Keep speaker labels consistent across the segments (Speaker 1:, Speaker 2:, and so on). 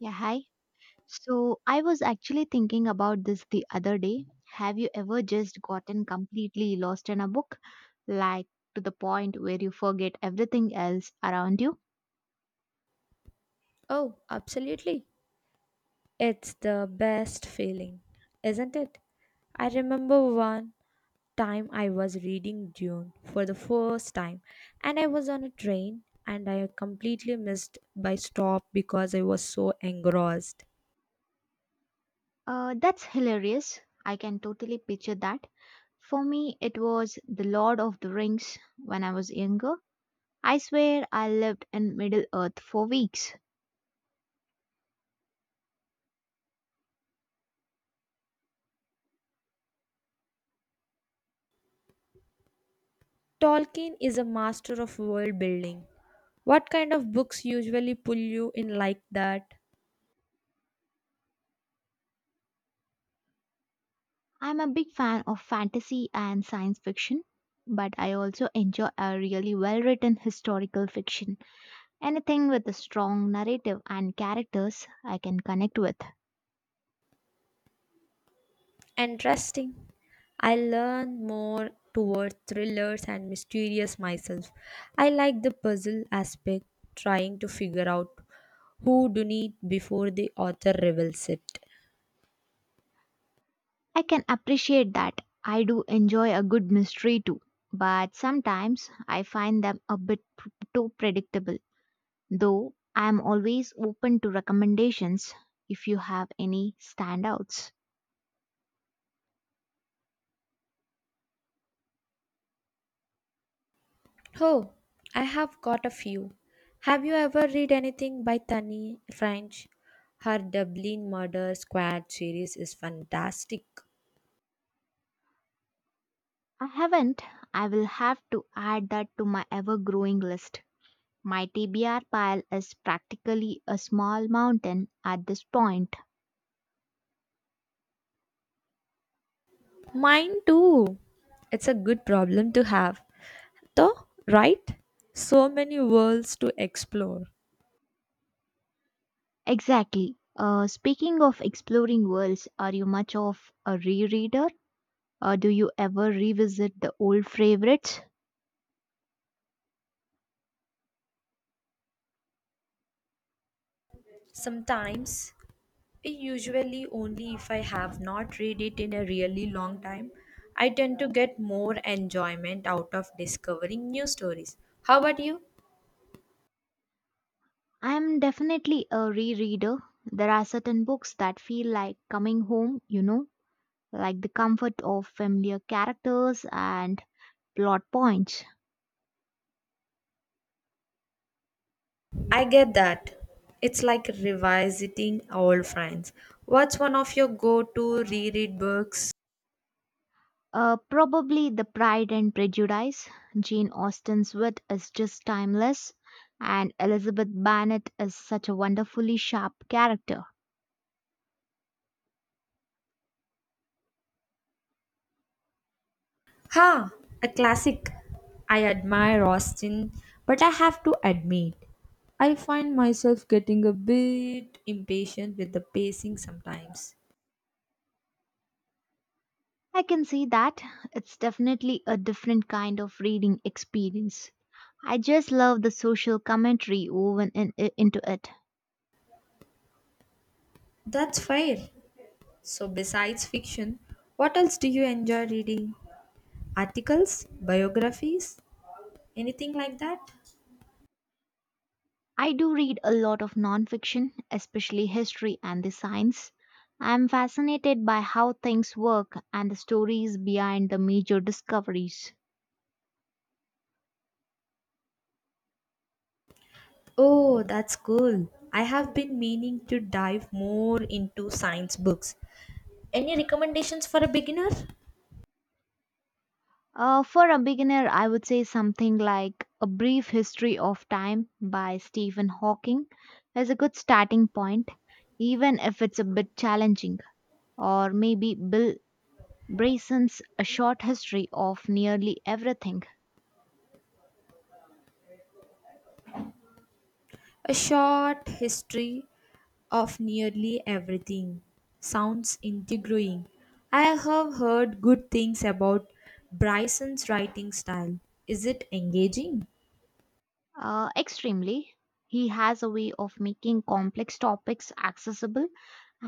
Speaker 1: Yeah, hi. So I was actually thinking about this the other day. Have you ever just gotten completely lost in a book? Like, to the point where you forget everything else around you?
Speaker 2: Oh, absolutely. It's the best feeling, isn't it? I remember one time I was reading Dune for the first time and I was on a train and I completely missed by stop because I was so engrossed.
Speaker 1: That's hilarious. I can totally picture that. For me, it was The Lord of the Rings when I was younger. I swear I lived in Middle Earth for weeks.
Speaker 2: Tolkien is a master of world building. What kind of books usually pull you in like that?
Speaker 1: I'm a big fan of fantasy and science fiction, but I also enjoy a really well written historical fiction. Anything with a strong narrative and characters I can connect with.
Speaker 2: Interesting. I learn more toward thrillers and mysterious myself. I like the puzzle aspect, trying to figure out who done it before the author reveals it.
Speaker 1: I can appreciate that. I do enjoy a good mystery too, but sometimes I find them a bit too predictable. Though I am always open to recommendations if you have any standouts.
Speaker 2: Oh, I have got a few. Have you ever read anything by Tani French? Her Dublin Murder Squad series is fantastic.
Speaker 1: I haven't. I will have to add that to my ever growing list. My TBR pile is practically a small mountain at this point.
Speaker 2: Mine too. It's a good problem to have, though, right? So many worlds to explore.
Speaker 1: Exactly. Speaking of exploring worlds, are you much of a rereader? Do you ever revisit the old favorites?
Speaker 2: Sometimes, usually only if I have not read it in a really long time, I tend to get more enjoyment out of discovering new stories. How about you?
Speaker 1: I'm definitely a rereader. There are certain books that feel like coming home, you know, like the comfort of familiar characters and plot points.
Speaker 2: I get that. It's like revisiting old friends. What's one of your go to reread books?
Speaker 1: Probably The Pride and Prejudice. Jane Austen's wit is just timeless, and Elizabeth Bennet is such a wonderfully sharp character.
Speaker 2: Ha! A classic. I admire Austin, but I have to admit, I find myself getting a bit impatient with the pacing sometimes.
Speaker 1: I can see that. It's definitely a different kind of reading experience. I just love the social commentary woven in, into it.
Speaker 2: That's fair. So, besides fiction, what else do you enjoy reading? Articles? Biographies? Anything like that?
Speaker 1: I do read a lot of nonfiction, especially history and the science. I'm fascinated by how things work and the stories behind the major discoveries.
Speaker 2: Oh, that's cool. I have been meaning to dive more into science books. Any recommendations for a beginner?
Speaker 1: For a beginner, I would say something like A Brief History of Time by Stephen Hawking is a good starting point, even if it's a bit challenging, or maybe Bill Brayson's A Short History of Nearly Everything.
Speaker 2: A short history of nearly everything. Sounds intriguing. I have heard good things about Bryson's writing style. Is it engaging?
Speaker 1: Extremely, he has a way of making complex topics accessible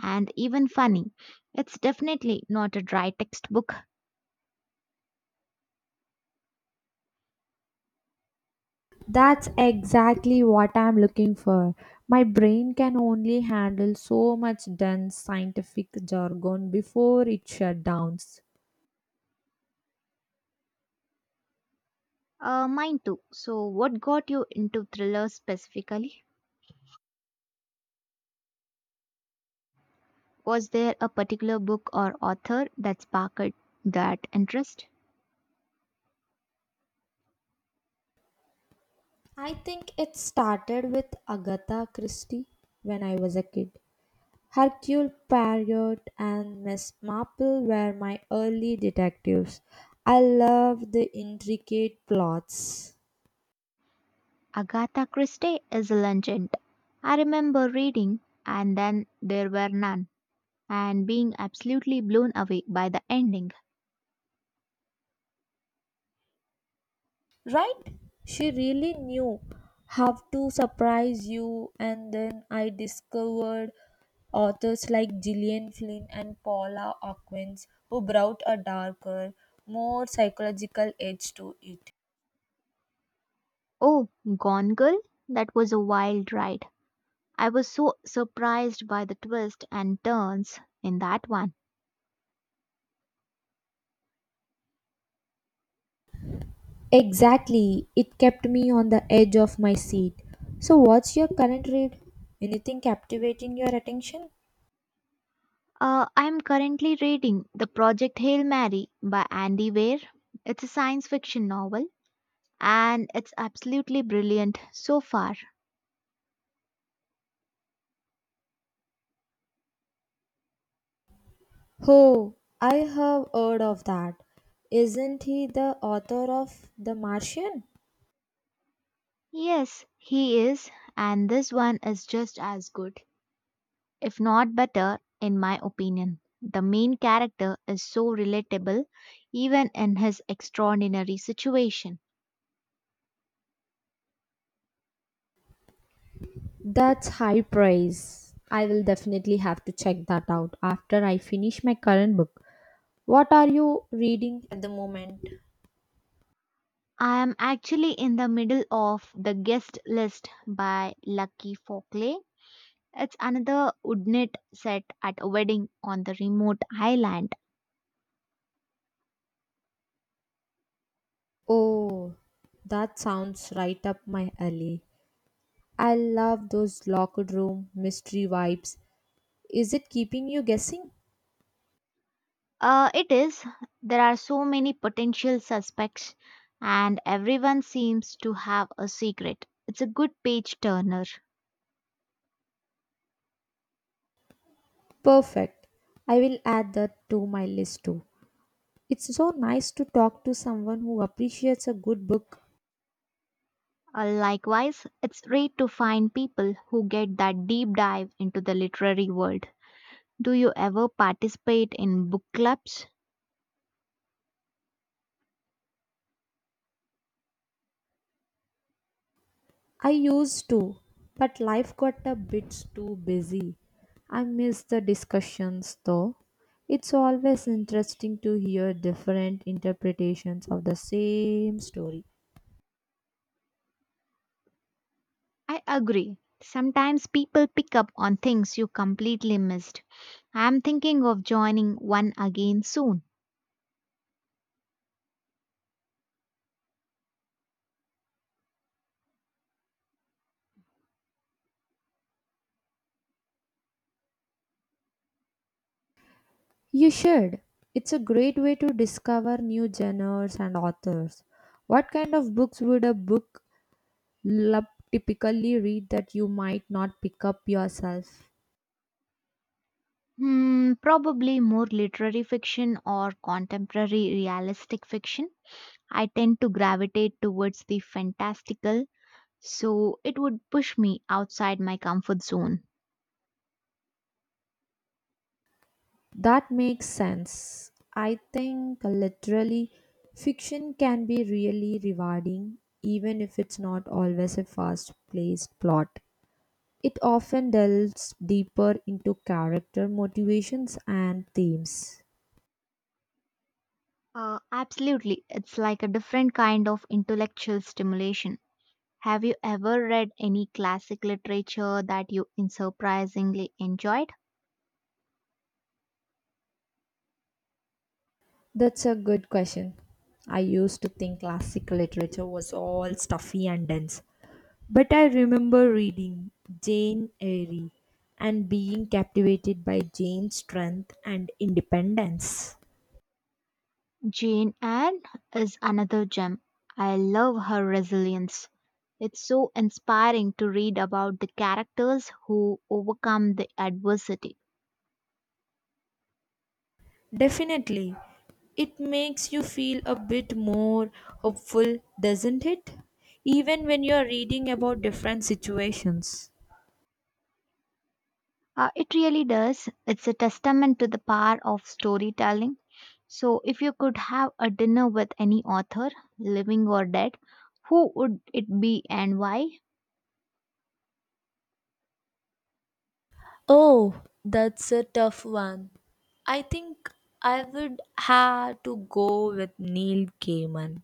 Speaker 1: and even funny. It's definitely not a dry textbook.
Speaker 2: That's exactly what I'm looking for. My brain can only handle so much dense scientific jargon before it shut down.
Speaker 1: Mine too. So, what got you into thrillers specifically? Was there a particular book or author that sparked that interest?
Speaker 2: I think it started with Agatha Christie when I was a kid. Hercule Poirot and Miss Marple were my early detectives. I loved the intricate plots.
Speaker 1: Agatha Christie is a legend. I remember reading And Then There Were None and being absolutely blown away by the ending.
Speaker 2: Right? She really knew how to surprise you, and then I discovered authors like Gillian Flynn and Paula Hawkins who brought a darker, more psychological edge to it.
Speaker 1: Oh, Gone Girl? That was a wild ride. I was so surprised by the twists and turns in that one.
Speaker 2: Exactly. It kept me on the edge of my seat. So, what's your current read? Anything captivating your attention?
Speaker 1: I am currently reading The Project Hail Mary by Andy Weir. It's a science fiction novel and it's absolutely brilliant so far.
Speaker 2: Oh, I have heard of that. Isn't he the author of The Martian?
Speaker 1: Yes, he is, and this one is just as good, if not better, in my opinion. The main character is so relatable, even in his extraordinary situation.
Speaker 2: That's high praise. I will definitely have to check that out after I finish my current book. What are you reading at the moment?
Speaker 1: I am actually in the middle of The Guest List by Lucky Folkley. It's another woodnit set at a wedding on the remote island.
Speaker 2: Oh, that sounds right up my alley. I love those locked room mystery vibes. Is it keeping you guessing?
Speaker 1: It is. There are so many potential suspects, and everyone seems to have a secret. It's a good page turner.
Speaker 2: Perfect. I will add that to my list too. It's so nice to talk to someone who appreciates a good book.
Speaker 1: Likewise, it's rare to find people who get that deep dive into the literary world. Do you ever participate in book clubs?
Speaker 2: I used to, but life got a bit too busy. I miss the discussions though. It's always interesting to hear different interpretations of the same story.
Speaker 1: I agree. Sometimes people pick up on things you completely missed. I'm thinking of joining one again soon.
Speaker 2: You should. It's a great way to discover new genres and authors. What kind of books would a book club typically read that you might not pick up yourself?
Speaker 1: Hmm, probably more literary fiction or contemporary realistic fiction. I tend to gravitate towards the fantastical, so it would push me outside my comfort zone.
Speaker 2: That makes sense. I think literally fiction can be really rewarding, even if it's not always a fast paced plot. It often delves deeper into character motivations and themes.
Speaker 1: Absolutely. It's like a different kind of intellectual stimulation. Have you ever read any classic literature that you surprisingly enjoyed?
Speaker 2: That's a good question. I used to think classical literature was all stuffy and dense, but I remember reading Jane Eyre and being captivated by Jane's strength and independence.
Speaker 1: Jane Anne is another gem. I love her resilience. It's so inspiring to read about the characters who overcome the adversity.
Speaker 2: Definitely. It makes you feel a bit more hopeful, doesn't it? Even when you're reading about different situations.
Speaker 1: It really does. It's a testament to the power of storytelling. So, if you could have a dinner with any author, living or dead, who would it be and why?
Speaker 2: Oh, that's a tough one. I think I would have to go with Neil Gaiman.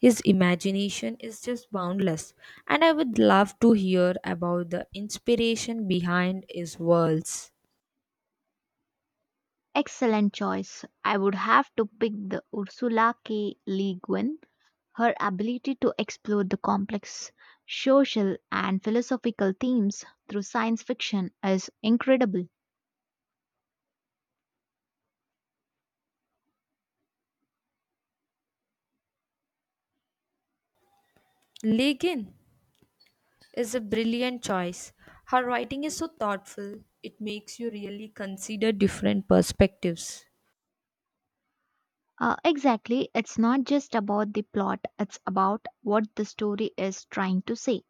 Speaker 2: His imagination is just boundless, and I would love to hear about the inspiration behind his worlds.
Speaker 1: Excellent choice. I would have to pick the Ursula K. Le Guin. Her ability to explore the complex social and philosophical themes through science fiction is incredible.
Speaker 2: Legin, is a brilliant choice. Her writing is so thoughtful, it makes you really consider different perspectives.
Speaker 1: Exactly, it's not just about the plot, it's about what the story is trying to say.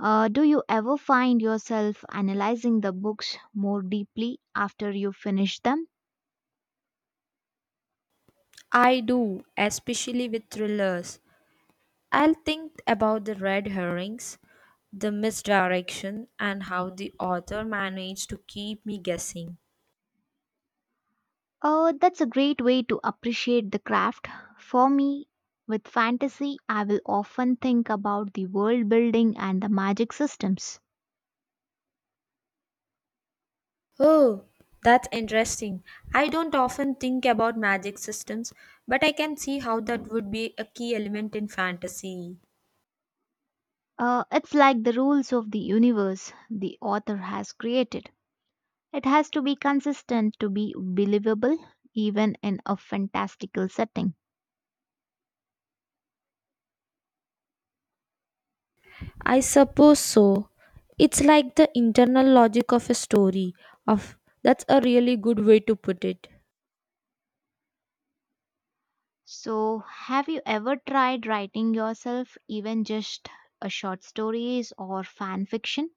Speaker 1: Do you ever find yourself analyzing the books more deeply after you finish them?
Speaker 2: I do, especially with thrillers. I'll think about the red herrings, the misdirection, and how the author managed to keep me guessing.
Speaker 1: That's a great way to appreciate the craft. For me, with fantasy, I will often think about the world building and the magic systems.
Speaker 2: Oh, that's interesting. I don't often think about magic systems, but I can see how that would be a key element in fantasy.
Speaker 1: It's like the rules of the universe the author has created. It has to be consistent to be believable, even in a fantastical setting.
Speaker 2: I suppose so. It's like the internal logic of a story. Of that's a really good way to put it.
Speaker 1: So, have you ever tried writing yourself, even just a short stories or fan fiction?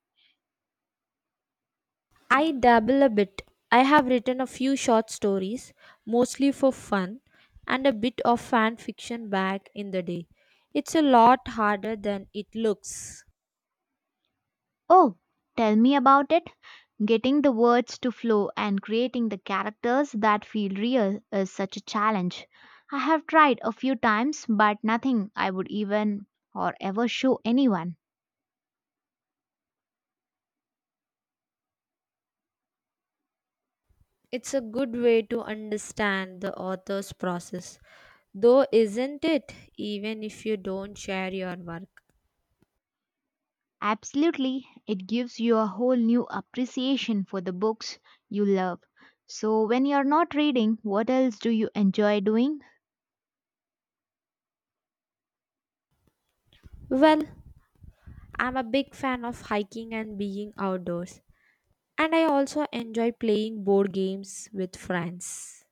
Speaker 2: I dabble a bit. I have written a few short stories, mostly for fun, and a bit of fan fiction back in the day. It's a lot harder than it looks.
Speaker 1: Oh, tell me about it. Getting the words to flow and creating the characters that feel real is such a challenge. I have tried a few times, but nothing I would even or ever show anyone.
Speaker 2: It's a good way to understand the author's process, though, isn't it? Even if you don't share your work.
Speaker 1: Absolutely, it gives you a whole new appreciation for the books you love. So, when you're not reading, what else do you enjoy doing?
Speaker 2: Well, I'm a big fan of hiking and being outdoors, and I also enjoy playing board games with friends.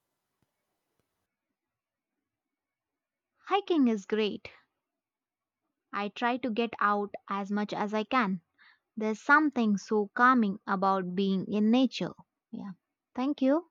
Speaker 1: Hiking is great. I try to get out as much as I can. There's something so calming about being in nature. Yeah. Thank you.